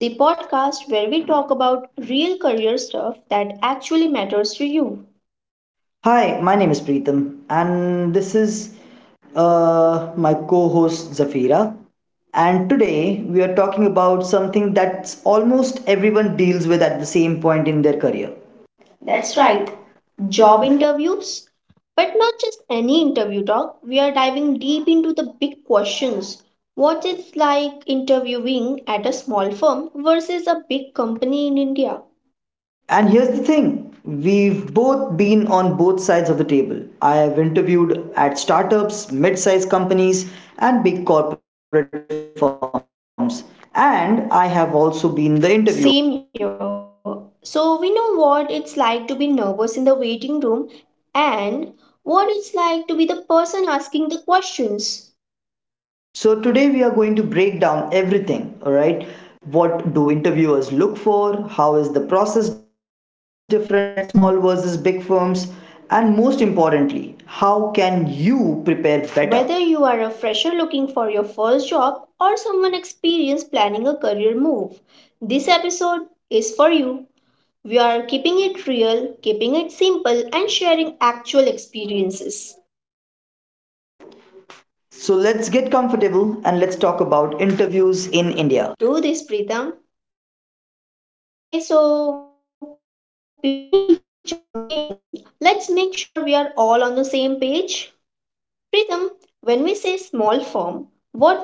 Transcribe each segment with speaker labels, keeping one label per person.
Speaker 1: the podcast where we talk about real career stuff that actually matters to you.
Speaker 2: Hi, my name is Preetham, and this is my co host Zafira. And today we are talking about something that almost everyone deals with at the same point in their career.
Speaker 1: That's
Speaker 2: That's
Speaker 1: right,
Speaker 2: right.
Speaker 1: job
Speaker 2: Jobbing.
Speaker 1: interviews. But not just any interview talk, we are diving deep into the big questions. What it's like interviewing at a small firm versus a big company in India?
Speaker 2: And here's the thing, we've both been on both sides of the table. I have interviewed at startups, mid sized companies, and big corporate firms. And I have also been the interviewer.
Speaker 1: Same here. So we know what it's like to be nervous in the waiting room and what it's like to be the person asking the questions.
Speaker 2: So today we are going to break down everything, all right? What do interviewers look for? How is the process different at small versus big firms? And most importantly, how can you prepare better?
Speaker 1: Whether you are a fresher looking for your first job or someone experienced planning a career move, this episode is for you. We are keeping it real, keeping it simple, and sharing actual experiences.
Speaker 2: So let's get comfortable and let's talk about interviews in
Speaker 1: Let's
Speaker 2: India.
Speaker 1: do this, Pritam. Okay, so before we jump in, let's make sure we are all on the same page. Pritham, when we say small firm, what are we talking about?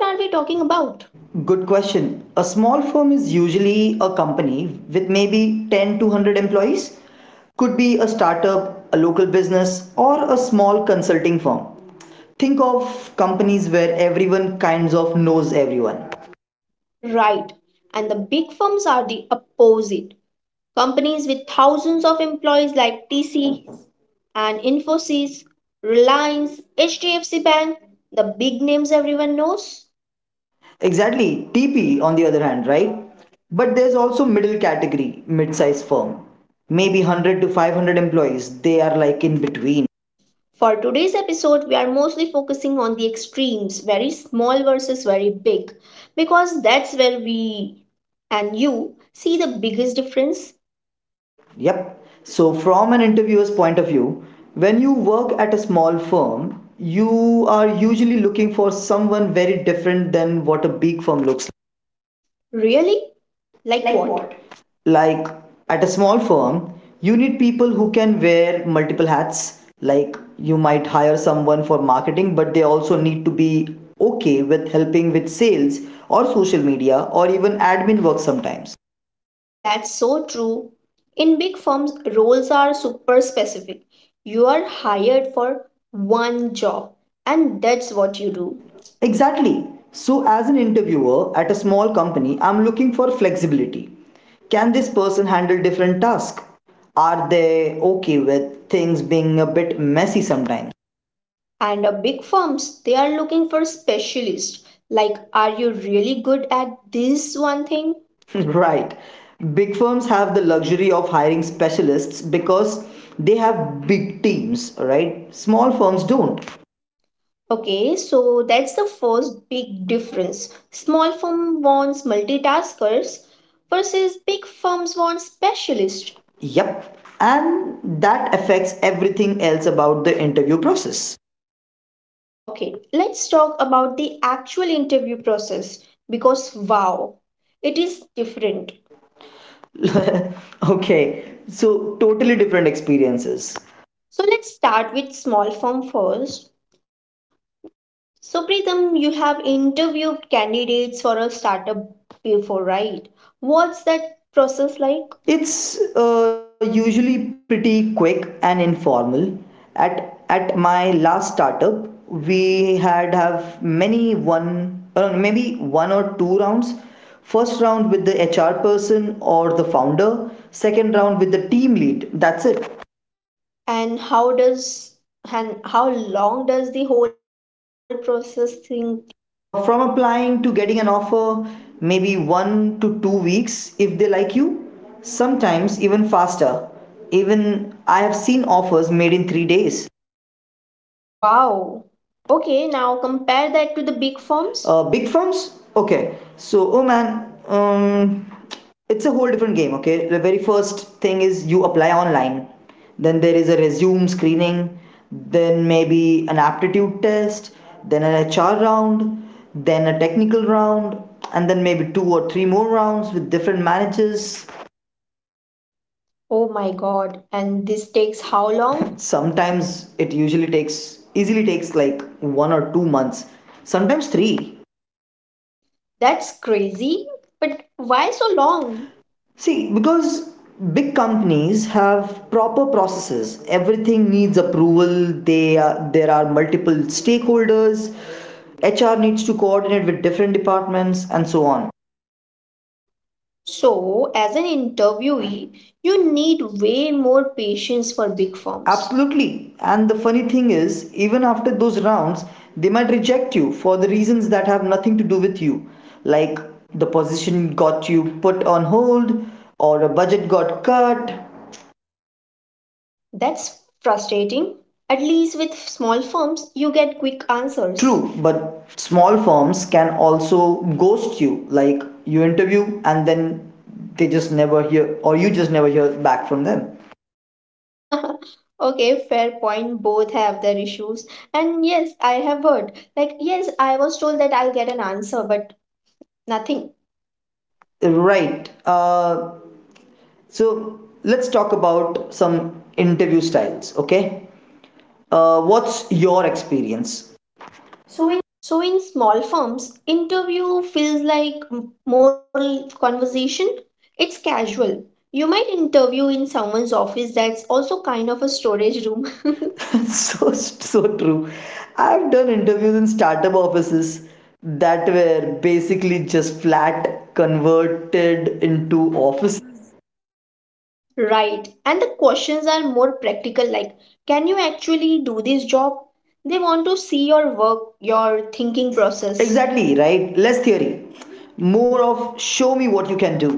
Speaker 2: Good question. A small firm is usually a company with maybe 10 to 100 employees, could be a startup, a local business, or a small consulting firm. Think of companies where everyone kinds of knows everyone.
Speaker 1: Right. And the big firms are the opposite. Companies with thousands of employees like TCS and Infosys, Reliance, HDFC Bank, the big names everyone knows.
Speaker 2: Exactly, TP on the other hand, right? But there's also middle category, mid-sized firm. Maybe 100 to 500 employees. They are like in between.
Speaker 1: For today's episode, we are mostly focusing on the extremes, very small versus very big, because that's where we and you see the biggest difference.
Speaker 2: Yep. So, from an interviewer's point of view, when you work at a small firm, you are usually looking for someone very different than what a big firm looks.
Speaker 1: Really? Like
Speaker 2: Like Like
Speaker 1: what?
Speaker 2: what? Like. At a small firm, you need people who can wear multiple hats. Like, you might hire someone for marketing, but they also need to be okay with helping with sales or social media or even admin work sometimes.
Speaker 1: That's so true. In big firms, roles are super specific. You are hired for one job and that's what you do.
Speaker 2: Exactly. So, as an interviewer at a small company, I'm looking for flexibility. Can this person handle different tasks? Are they okay with things being a bit messy sometimes?
Speaker 1: And big firms, they are looking for specialists. Like, are you really good at this one thing?
Speaker 2: Right. Big firms have the luxury of hiring specialists because they have big teams, right? Small firms don't.
Speaker 1: Okay, so that's the first big difference. Small firm wants multitaskers versus big firms want specialists.
Speaker 2: Yep. And that affects everything else about the interview process.
Speaker 1: Okay, let's talk about the actual interview process because wow, it is different.
Speaker 2: Okay, so totally different experiences.
Speaker 1: So let's start with small firm first. So Pritham, you have interviewed candidates for a startup before, right? What's that process like,
Speaker 2: It's usually pretty quick and informal at my last startup. We had have many one maybe one or two rounds. First round with the HR person or the founder, second round with the team lead, that's it.
Speaker 1: and how does and how long does the whole process thing?
Speaker 2: From applying to getting an offer, maybe 1 to 2 weeks if they like you, sometimes even faster. Even I have seen offers made in 3 days.
Speaker 1: Wow. Okay, now compare that to the
Speaker 2: Firms?
Speaker 1: big firms.
Speaker 2: Big firms? Okay. So, oh man, it's a whole different game, okay? The very first thing is you apply online. Then there is a resume screening, then maybe an aptitude test, then an HR round, then a technical round, and then maybe two or three more rounds with different managers.
Speaker 1: Oh my God, and this takes how long?
Speaker 2: Sometimes it usually takes easily takes like 1 or 2 months, sometimes three.
Speaker 1: That's crazy, but why so long?
Speaker 2: See, because big companies have proper processes. Everything needs approval. There are multiple stakeholders. HR needs to coordinate with different departments and so on.
Speaker 1: So, as an interviewee, you need way more patience for big firms.
Speaker 2: Absolutely. And the funny thing is, even after those rounds, they might reject you for the reasons that have nothing to do with you, like the position got you put on hold or a budget got cut.
Speaker 1: That's frustrating. At least with small firms, you get quick
Speaker 2: Answers.
Speaker 1: answers.
Speaker 2: True, but small firms can also ghost you. Like you interview and then they just never hear, or you just never hear back from them.
Speaker 1: Okay, fair point. Both have their issues. And yes, I have heard. Like, yes, I was told that I'll get an answer, but nothing.
Speaker 2: Right. So let's talk about some interview styles, okay? What's your experience? So
Speaker 1: So in small firms, interview feels like more conversation. It's casual. You might interview in someone's office that's also kind of a storage room.
Speaker 2: in so true. I've done interviews in startup offices that were basically just flat converted into office.
Speaker 1: Right. And the questions are more practical, like, can you actually do this job? They want to see your work, your thinking
Speaker 2: Yes.
Speaker 1: process.
Speaker 2: Exactly, right? Less theory, more of show me what you can do.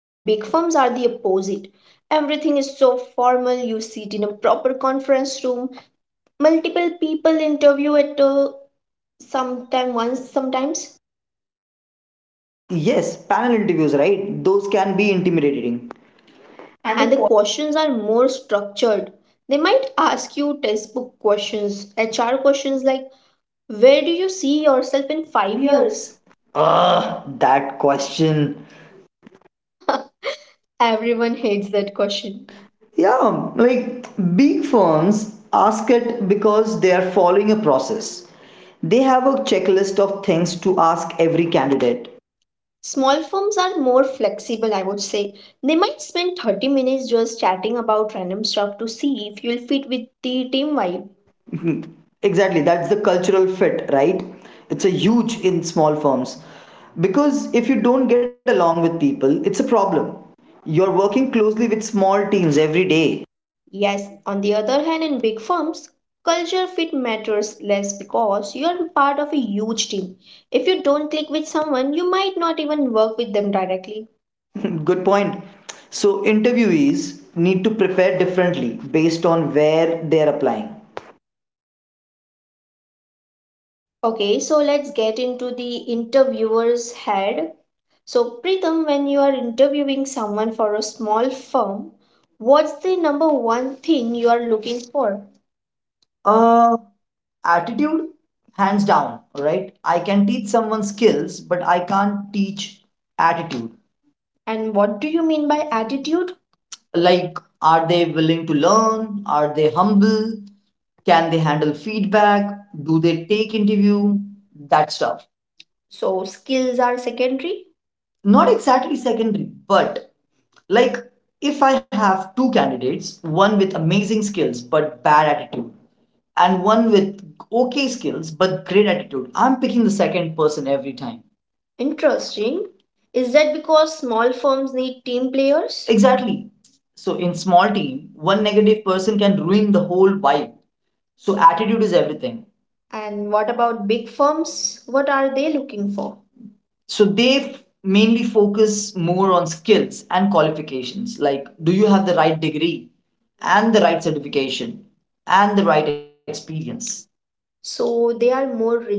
Speaker 1: And big firms are the opposite. Everything is so formal. You sit in a proper conference room. Multiple people interview at a sometime, once sometimes.
Speaker 2: Yes, panel interviews, right? Those can be intimidating. And the
Speaker 1: And the
Speaker 2: qu-
Speaker 1: questions are more structured. They might ask you textbook questions, HR questions like, where do you see yourself in
Speaker 2: five
Speaker 1: 5
Speaker 2: years
Speaker 1: years?
Speaker 2: Ugh, that question.
Speaker 1: Everyone hates that question.
Speaker 2: Question. Yeah, like big firms ask it because they are following a process. They have a checklist of things to ask every candidate.
Speaker 1: Small firms are more flexible, I would say. They might spend 30 minutes just chatting about random stuff to see if you'll fit with the team vibe.
Speaker 2: Exactly, that's the cultural fit, right? It's a huge in small firms. Because if you don't get along with people, it's a problem. You're working closely with small teams every day.
Speaker 1: Yes, on the other hand, in big firms, culture fit matters less because you're part of a huge team. If you don't click with someone, you might not even work with them directly.
Speaker 2: Good point. So, interviewees need to prepare differently based on where they're applying.
Speaker 1: Okay, so let's get into the interviewer's head. So, Pritham, when you are interviewing someone for a small firm, what's the number one thing you are looking for? Uh, attitude, hands down, right? I can teach someone skills, but I can't teach attitude. And what do you mean by attitude? Like, are they willing to learn? Are they humble? Can they handle feedback? Do they take interview? That stuff. So, skills are secondary? Not exactly secondary, but like, if I have two candidates, one with amazing skills but bad attitude, and one with okay skills but great attitude, I'm picking the second person every time. Interesting. Is that because small firms need team players? Exactly. So in small team, one negative person can ruin the whole vibe. So attitude is everything. And what about big firms? What are they looking for? So they mainly focus more on skills and qualifications, like, do you have the right degree and the right certification and the right experience? So they are more rigid.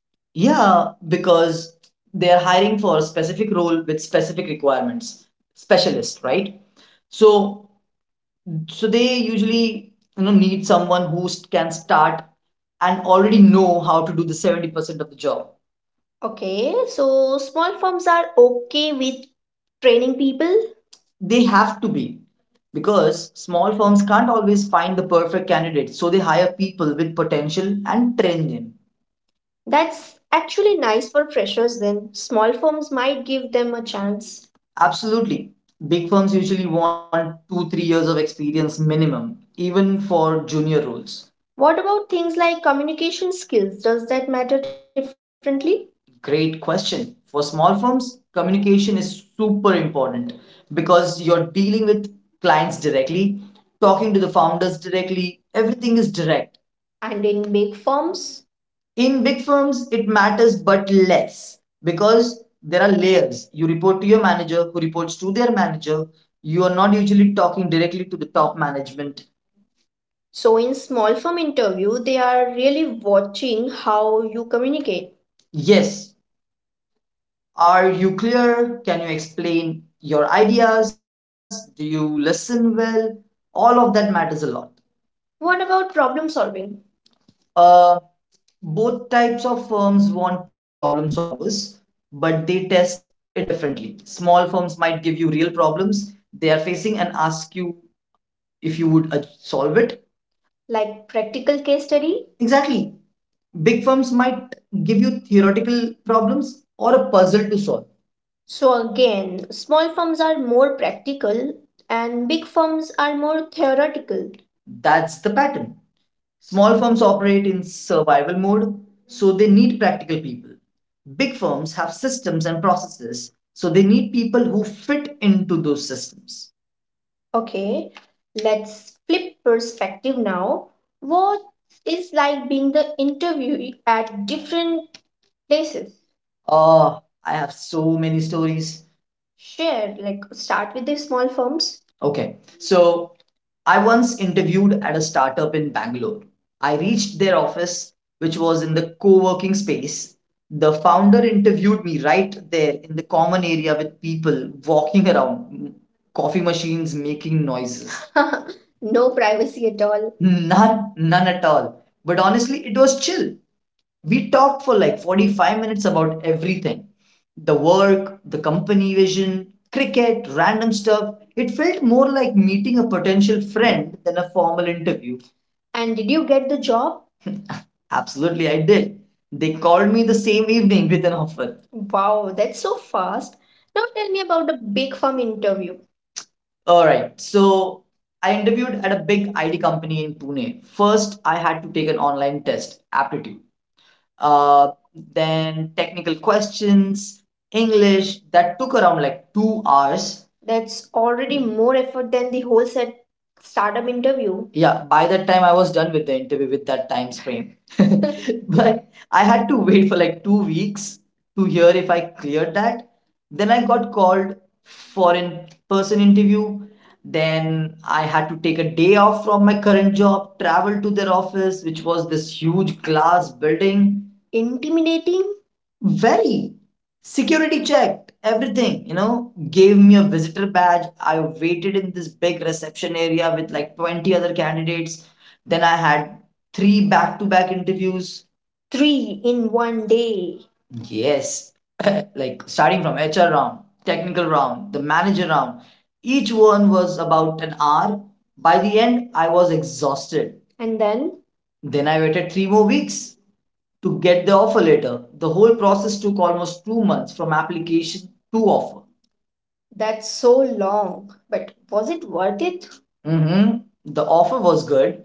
Speaker 1: Yeah, because they're hiring for a specific role with specific requirements, specialist, right? So so they usually need someone who can start and already know how to do the 70% of the job. Okay, so small firms are okay with training people? They have to be, because small firms can't always find the perfect candidate, so they hire people with potential and train them. That's actually nice for freshers then. Small firms might give them a chance. Absolutely. Big firms usually want two, 3 years of experience minimum, even for junior roles. What about things like communication skills? Does that matter differently? Great question. For small firms, communication is super important because you're dealing with clients directly, talking to the founders directly, everything is direct. And in big firms? In big firms, it matters but less, because there are layers. You report to your manager, who reports to their manager. You are not usually talking directly to the top management. So in small firm interview, they are really watching how you communicate. Yes, are you clear? Can you explain your ideas? Do you listen well? All of that matters a lot. What about problem solving? Uh, both types of firms want problem solvers, but they test it differently. Small firms might give you real problems they are facing and ask you if you would solve it. Like practical case study? Exactly. Big firms might give you theoretical problems or a puzzle to solve. So again, small firms are more practical and big firms are more theoretical. That's the pattern. Small firms operate in survival mode, so they need practical people. Big firms have systems and processes, so they need people who fit into those systems. Okay, let's flip perspective now. What is like being the interviewee at different places? Oh, I have so many stories. Share, like start with the small firms. Okay. So I once interviewed at a startup in Bangalore. I reached their office, which was in the co working space. The founder interviewed me right there in the common area with people walking around, coffee machines making noises. No privacy at all. None, none at all. But honestly, it was chill. We talked for like 45 minutes about everything, the work, the company vision, cricket, random stuff. It felt more like meeting a potential friend than a formal interview. And did you get the job? Absolutely, I did. They called me the same evening with an offer. Wow, that's so fast. Now tell me about the big firm interview. All right. So I interviewed at a big IT company in Pune. First, I had to take an online test, aptitude, uh, then technical questions, English. That took around like 2 hours. That's already more effort than the whole set startup interview. Yeah, by that time I was done with the interview with that time frame. But I had to wait for like 2 weeks to hear if I cleared that. Then I got called for in person interview. Then I had to take a day off from my current job, travel to their office, which was this huge glass building. Intimidating? Very security checked, everything, you know, gave me a visitor badge. I waited in this big reception area with like 20 other candidates. Then I had three back to back interviews. Three in one day. Yes. Like starting from HR round, technical round, the manager round. Each one was about an hour. By the end, I was exhausted. And then? Then I waited 3 more weeks to get the offer letter. The whole process took almost 2 months from application to offer. That's so long. But was it worth it? hmm The offer was good,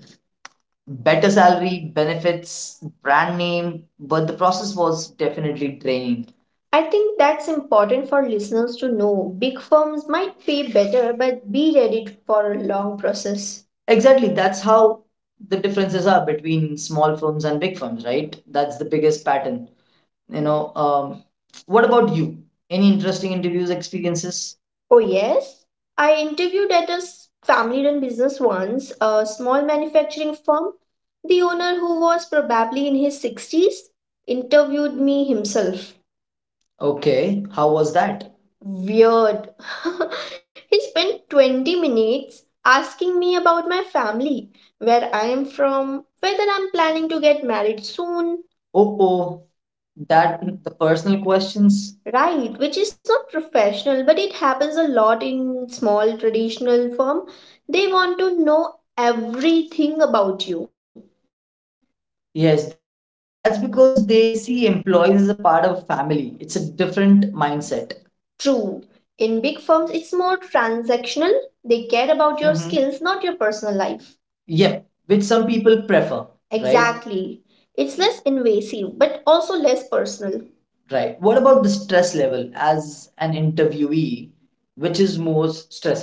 Speaker 1: better salary, benefits, brand name, but the process was definitely draining. I think that's important for listeners to know. Big firms might pay better, but be ready for a long process. Exactly, that's how the differences are between small firms and big firms, right? That's the biggest pattern. You know, what about you? Any interesting interviews experiences? Oh, yes. I interviewed at a family run business once, a small manufacturing firm. The owner, who was probably in his 60s, interviewed me himself. Okay, how was that? Weird. He spent 20 minutes asking me about my family, where I am from, whether I'm planning to get married soon. Oh, oh, that the personal questions. Right, which is not professional, but it happens a lot in small traditional firm. They want to know everything about you. Yes, that's because they see employees as a part of family. It's a different mindset. True. In big firms, it's more transactional. They care about your skills, not your personal life. Yep, which some people prefer, right? Exactly. It's less invasive, but also less personal. Right. What about the stress level as an interviewee, which is more stressful?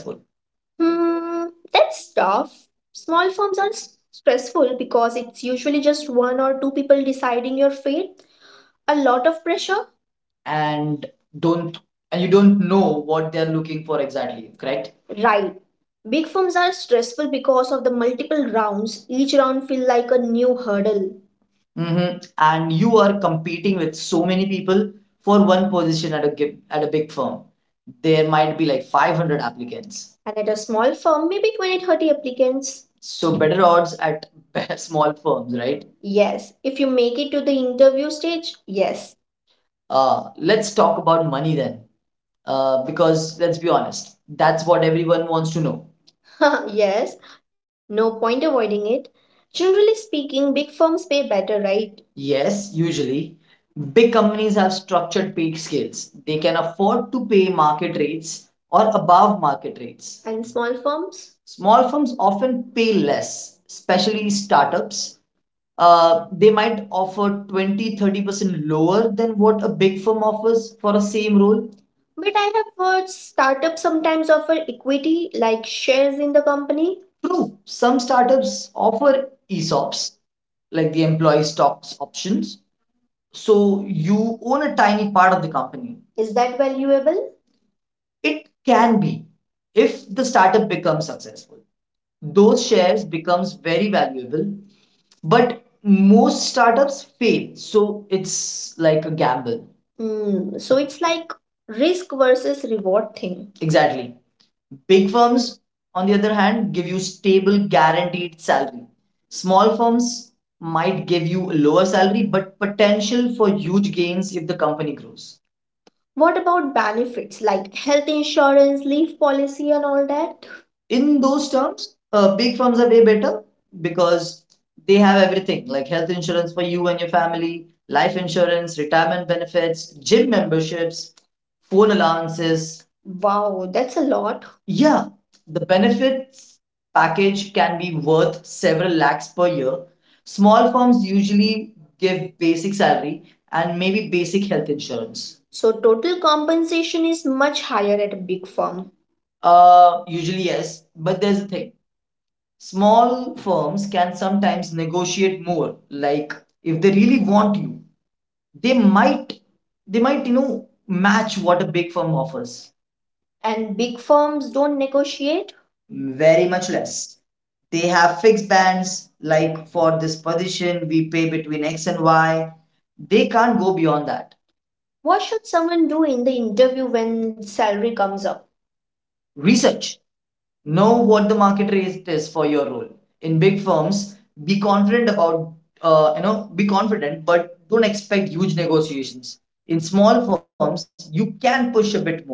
Speaker 1: Hmm, that's tough. Small firms are stressful because it's usually just one or two people deciding your fate. A lot of pressure. and don't and you don't know what they're looking for exactly, correct. Right. Big firms are stressful because of the multiple rounds. Each round feel like a new hurdle. And you are competing with so many people for one position at at a big firm. There might be like 500 applicants. And at a small firm, maybe 20, 30 applicants. So better odds at small firms, right? Yes. If you make it to the interview stage, yes. Let's talk about money then. Because let's be honest, that's what everyone wants to know. Yes, no point avoiding it. Generally speaking, big firms pay better, right? Yes, usually. Big companies have structured pay scales. They can afford to pay market rates or above market rates. And small firms? Small firms often pay less, especially startups. They might offer 20, 30% lower than what a big firm offers for a same role. But I have heard startups sometimes offer equity, like shares in the company. True, some startups offer ESOPs, like the employee stocks options. So you own a tiny part of the company. Is that valuable? It can be if the startup becomes successful, those shares becomes very valuable, but most startups fail, so it's like a gamble. Mm, so it's like risk versus reward thing. Exactly. Big firms, on the other hand, give you stable guaranteed salary. Small firms might give you a lower salary but potential for huge gains if the company grows. What about benefits like health insurance, leave policy, and all that? In those terms, big firms are way better because they have everything like health insurance for you and your family, life insurance, retirement benefits, gym memberships, phone allowances. Wow, that's a lot. Yeah, the benefits package can be worth several lakhs per year. Small firms usually give basic salary and maybe basic health insurance. So total compensation is much higher at a big firm. Usually, yes, but there's a thing. Small firms can sometimes negotiate more. Like if they really want you, they might, they might, you know, match what a big firm offers. And big firms don't negotiate? Very much less. They have fixed bands. Like for this position, we pay between X and Y. They can't go beyond that. What should someone do in the interview when salary comes up? Research. Know what the market rate is for your role. In big firms, be confident about— be confident, but don't expect huge negotiations. In small firms, you can push a bit more,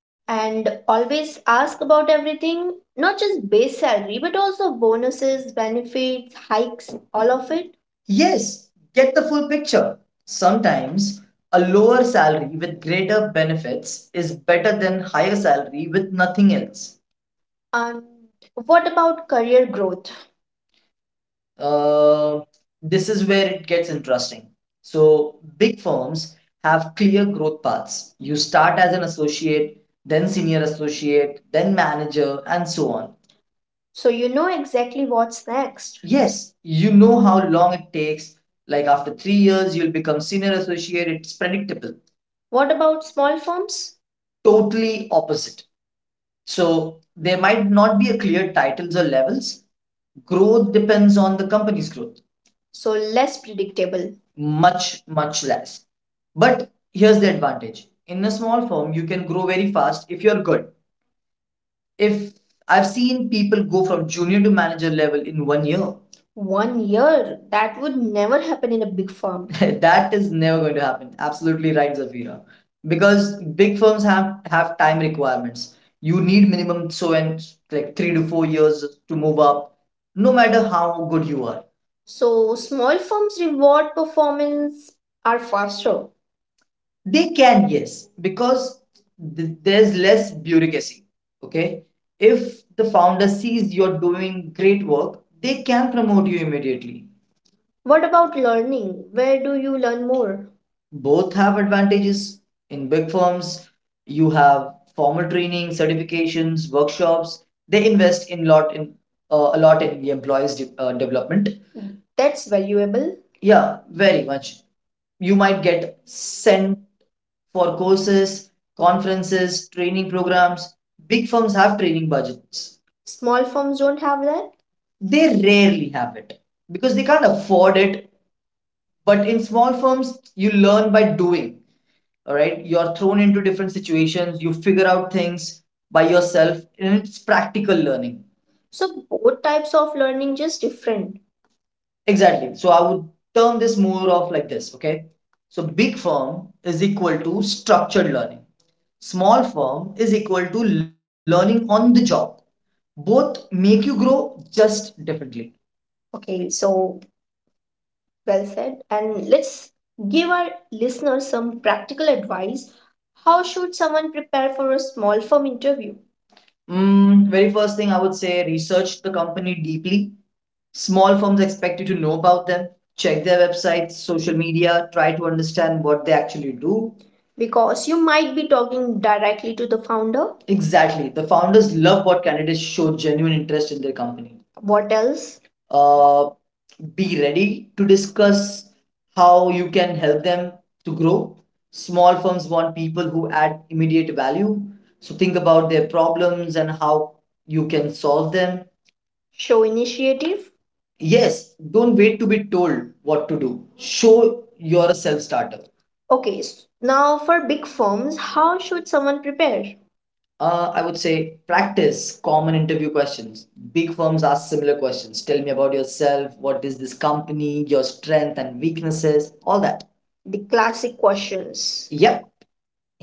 Speaker 1: and always ask about everything, not just base salary but also bonuses, benefits, hikes, all of it. Yes, get the full picture. Sometimes a lower salary with greater benefits is better than higher salary with nothing else. And what about career growth? uh, this is where it gets interesting. So, big firms have clear growth paths. You start as an associate, then senior associate, then manager, and so on. So you know exactly what's next. Yes, you know how long it takes. Like after 3 years, you'll become senior associate. It's predictable. What about small firms? Totally opposite. So, there might not be a clear titles or levels. Growth depends on the company's growth, so less predictable. much Much less. But here's the advantage: in a small firm you can grow very fast if you're good. If I've seen people go from junior to manager level in 1 year. 1 year. That would never happen in a big firm. That is never going to happen. Absolutely right, Zafira. Because big firms have time requirements. You need minimum so— and like 3 to 4 years to move up, no matter how good you are. So small firms reward performance, are faster. They can, yes, because there's less bureaucracy. Okay. If the founder sees you're doing great work, they can promote you immediately. What about learning? Where do you learn more? Both have advantages. In big firms, you have formal training, certifications, workshops. They invest in lot in— a lot in the development. That's valuable. Yeah, very much. You might get sent for courses, conferences, training programs. Big firms have training budgets. Small firms don't have that, they rarely have it. Because they can't afford it. But in small firms, you learn by doing. All right. You're thrown into different situations, you figure out things by yourself, and it's practical learning. So both types of learning, just different. Exactly. So I would term this more of like this, okay? So big firm is equal to structured learning. Small firm is equal to learning on the job. Both make you grow, just differently. Okay, so— well said. And let's give our listeners some practical advice. How should someone prepare for a small firm interview? Mm, very first thing I would say, research the company deeply. Small firms expect you to know about them, check their websites, social media, try to understand what they actually do. Because you might be talking directly to the founder. Exactly. The founders love what candidates show genuine interest in their company. What else? Uh, be ready to discuss how you can help them to grow. Small firms want people who add immediate value. So think about their problems and how you can solve them. Show initiative. Yes, don't wait to be told what to do. Show you're a self starter. Okay, now for big firms, how should someone prepare? I would say practice common interview questions. Big firms ask similar questions. Tell me about yourself. What is this company? Your strength and weaknesses. All that. The classic questions. Yep,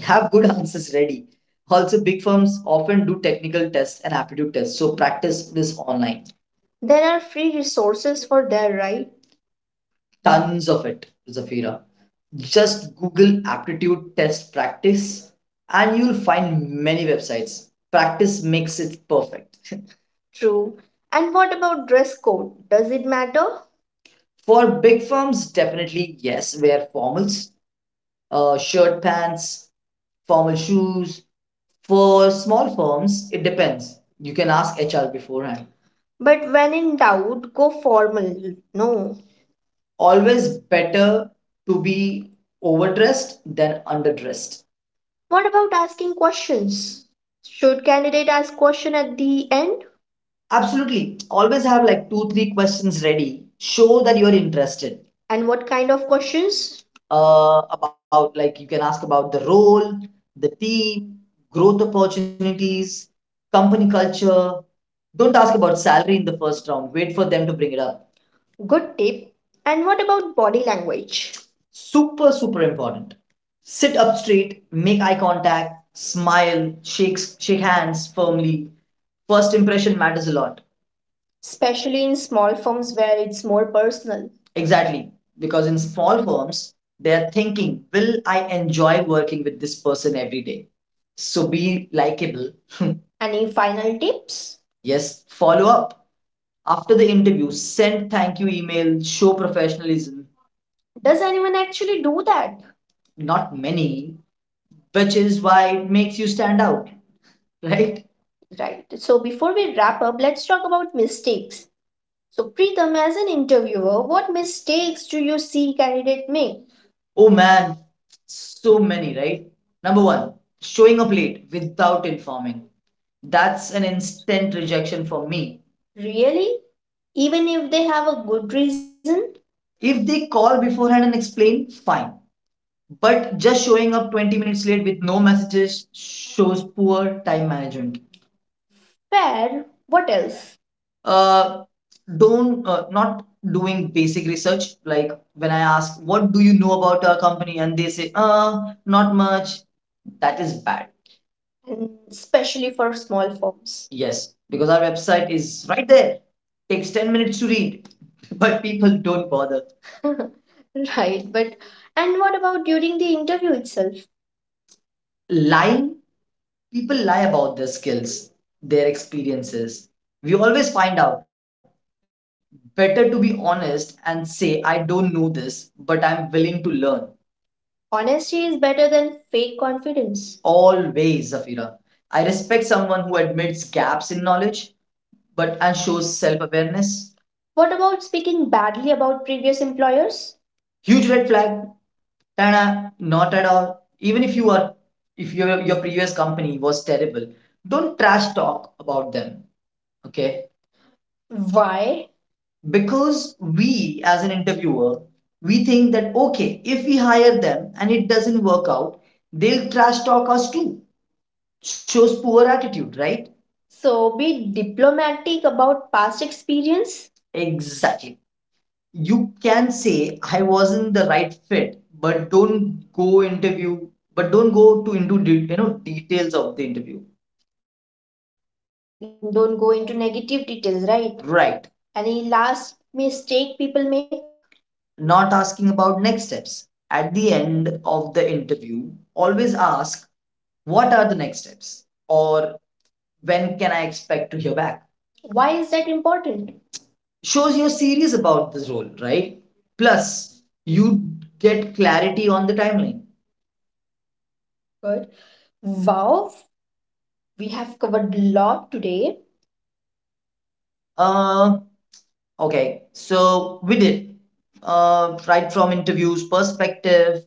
Speaker 1: have good answers ready. Also, big firms often do technical tests and aptitude tests, so practice this online. There are free resources for that, right? Tons of it, Zafira. Just Google aptitude test practice and you'll find many websites. Practice makes it perfect. True. And what about dress code? Does it matter? For big firms, definitely yes, wear formals, shirt pants, formal shoes. For small firms, it depends. You can ask HR beforehand. But when in doubt, go formal. No, always better to be overdressed than underdressed. What about asking questions? Should candidate ask question at the end? Absolutely. Always have like two, three questions ready. Show that you're interested. And what kind of questions? About, like, you can ask about the role, the team, growth opportunities, company culture. Don't ask about salary in the first round. Wait for them to bring it up. Good tip. And what about body language? Super, super important. Sit up straight, make eye contact, smile, shake hands firmly. First impression matters a lot. Especially in small firms where it's more personal. Exactly. Because in small firms, they're thinking, will I enjoy working with this person every day? So be likable. Any final tips? Yes, follow up. After the interview, send thank you email, show professionalism. Does anyone actually do that? Not many, which is why it makes you stand out, right? Right. So before we wrap up, let's talk about mistakes. So Preetam, as an interviewer, what mistakes do you see candidates make? Oh man, so many, right? Number one, showing up late without informing. That's an instant rejection for me. Really? Even if they have a good reason? If they call beforehand and explain, fine. But just showing up 20 minutes late with no messages shows poor time management. Fair. What else? Uh, don't Not doing basic research, like when I ask what do you know about our company and they say not much. That is bad. Mm, especially for small forms. Yes, because our website is right there. Takes 10 minutes to read, but people don't bother. Right, but and what about during the interview itself? Lying, people lie about their skills, their experiences. We always find out. Better to be honest and say, I don't know this, but I'm willing to learn. Honesty is better than fake confidence. Always, Zafira. I respect someone who admits gaps in knowledge but and shows self-awareness. What about speaking badly about previous employers? Huge red flag. Tana, not at all. Even if you are— if your previous company was terrible, don't trash talk about them. Okay? Why? Because we, as an interviewer, we think that, okay, if we hire them and it doesn't work out, they'll trash talk us too. Shows poor attitude, right? So be diplomatic about past experience. Exactly. You can say, I wasn't the right fit, but don't go interview but don't go to into details of the interview. Like, don't go into negative details, right? Right. Any last mistake people make? Not asking about next steps. At the end of the interview, always ask, what are the next steps, or when can I expect to hear back? Why is that important? Shows you're serious about this role, right? Plus, you get clarity on the timeline. Good. Wow, we have covered a lot today. Uh, okay, so we did. Right from interviews perspective,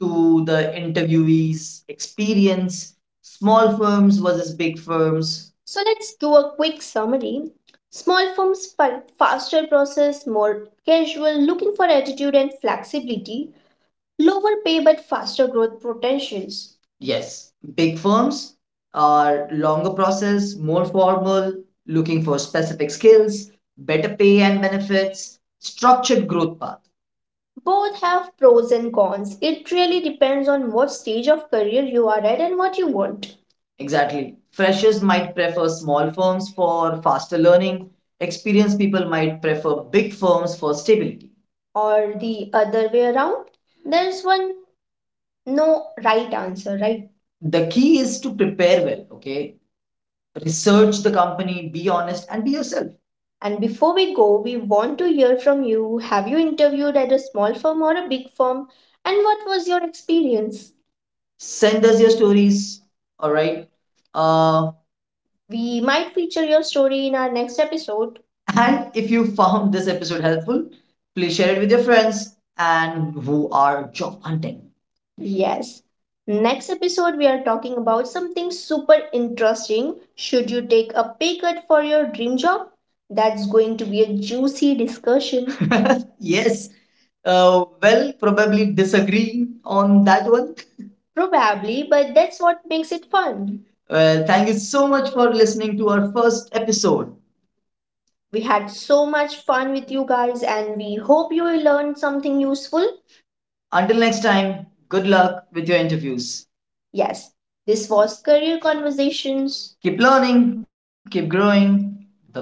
Speaker 1: to the interviewee's experience, small firms versus big firms. So let's do a quick summary. Small firms, faster process, more casual, looking for attitude and flexibility, lower pay but faster growth potentials. Yes, big firms are longer process, more formal, looking for specific skills, better pay and benefits, structured growth path. Both have pros and cons. It really depends on what stage of career you are at and what you want. Exactly. Freshers might prefer small firms for faster learning. Experienced people might prefer big firms for stability. Or the other way around. There's one— no right answer, right? The key is to prepare well, okay? Research the company, be honest, and be yourself. And before we go, we want to hear from you. Have you interviewed at a small firm or a big firm? And what was your experience? Send us your stories. All right. Uh, we might feature your story in our next episode. And if you found this episode helpful, please share it with your friends and who are job hunting. Yes. Next episode, we are talking about something super interesting. Should you take a pay cut for your dream job? That's going to be a juicy discussion. Yes. Well, probably disagreeing on that one. Probably, but that's what makes it fun. Well, thank you so much for listening to our first episode. We had so much fun with you guys, and we hope you will learn something useful. Until next time, good luck with your interviews. Yes, this was Career Conversations. Keep learning, keep growing. Bye bye.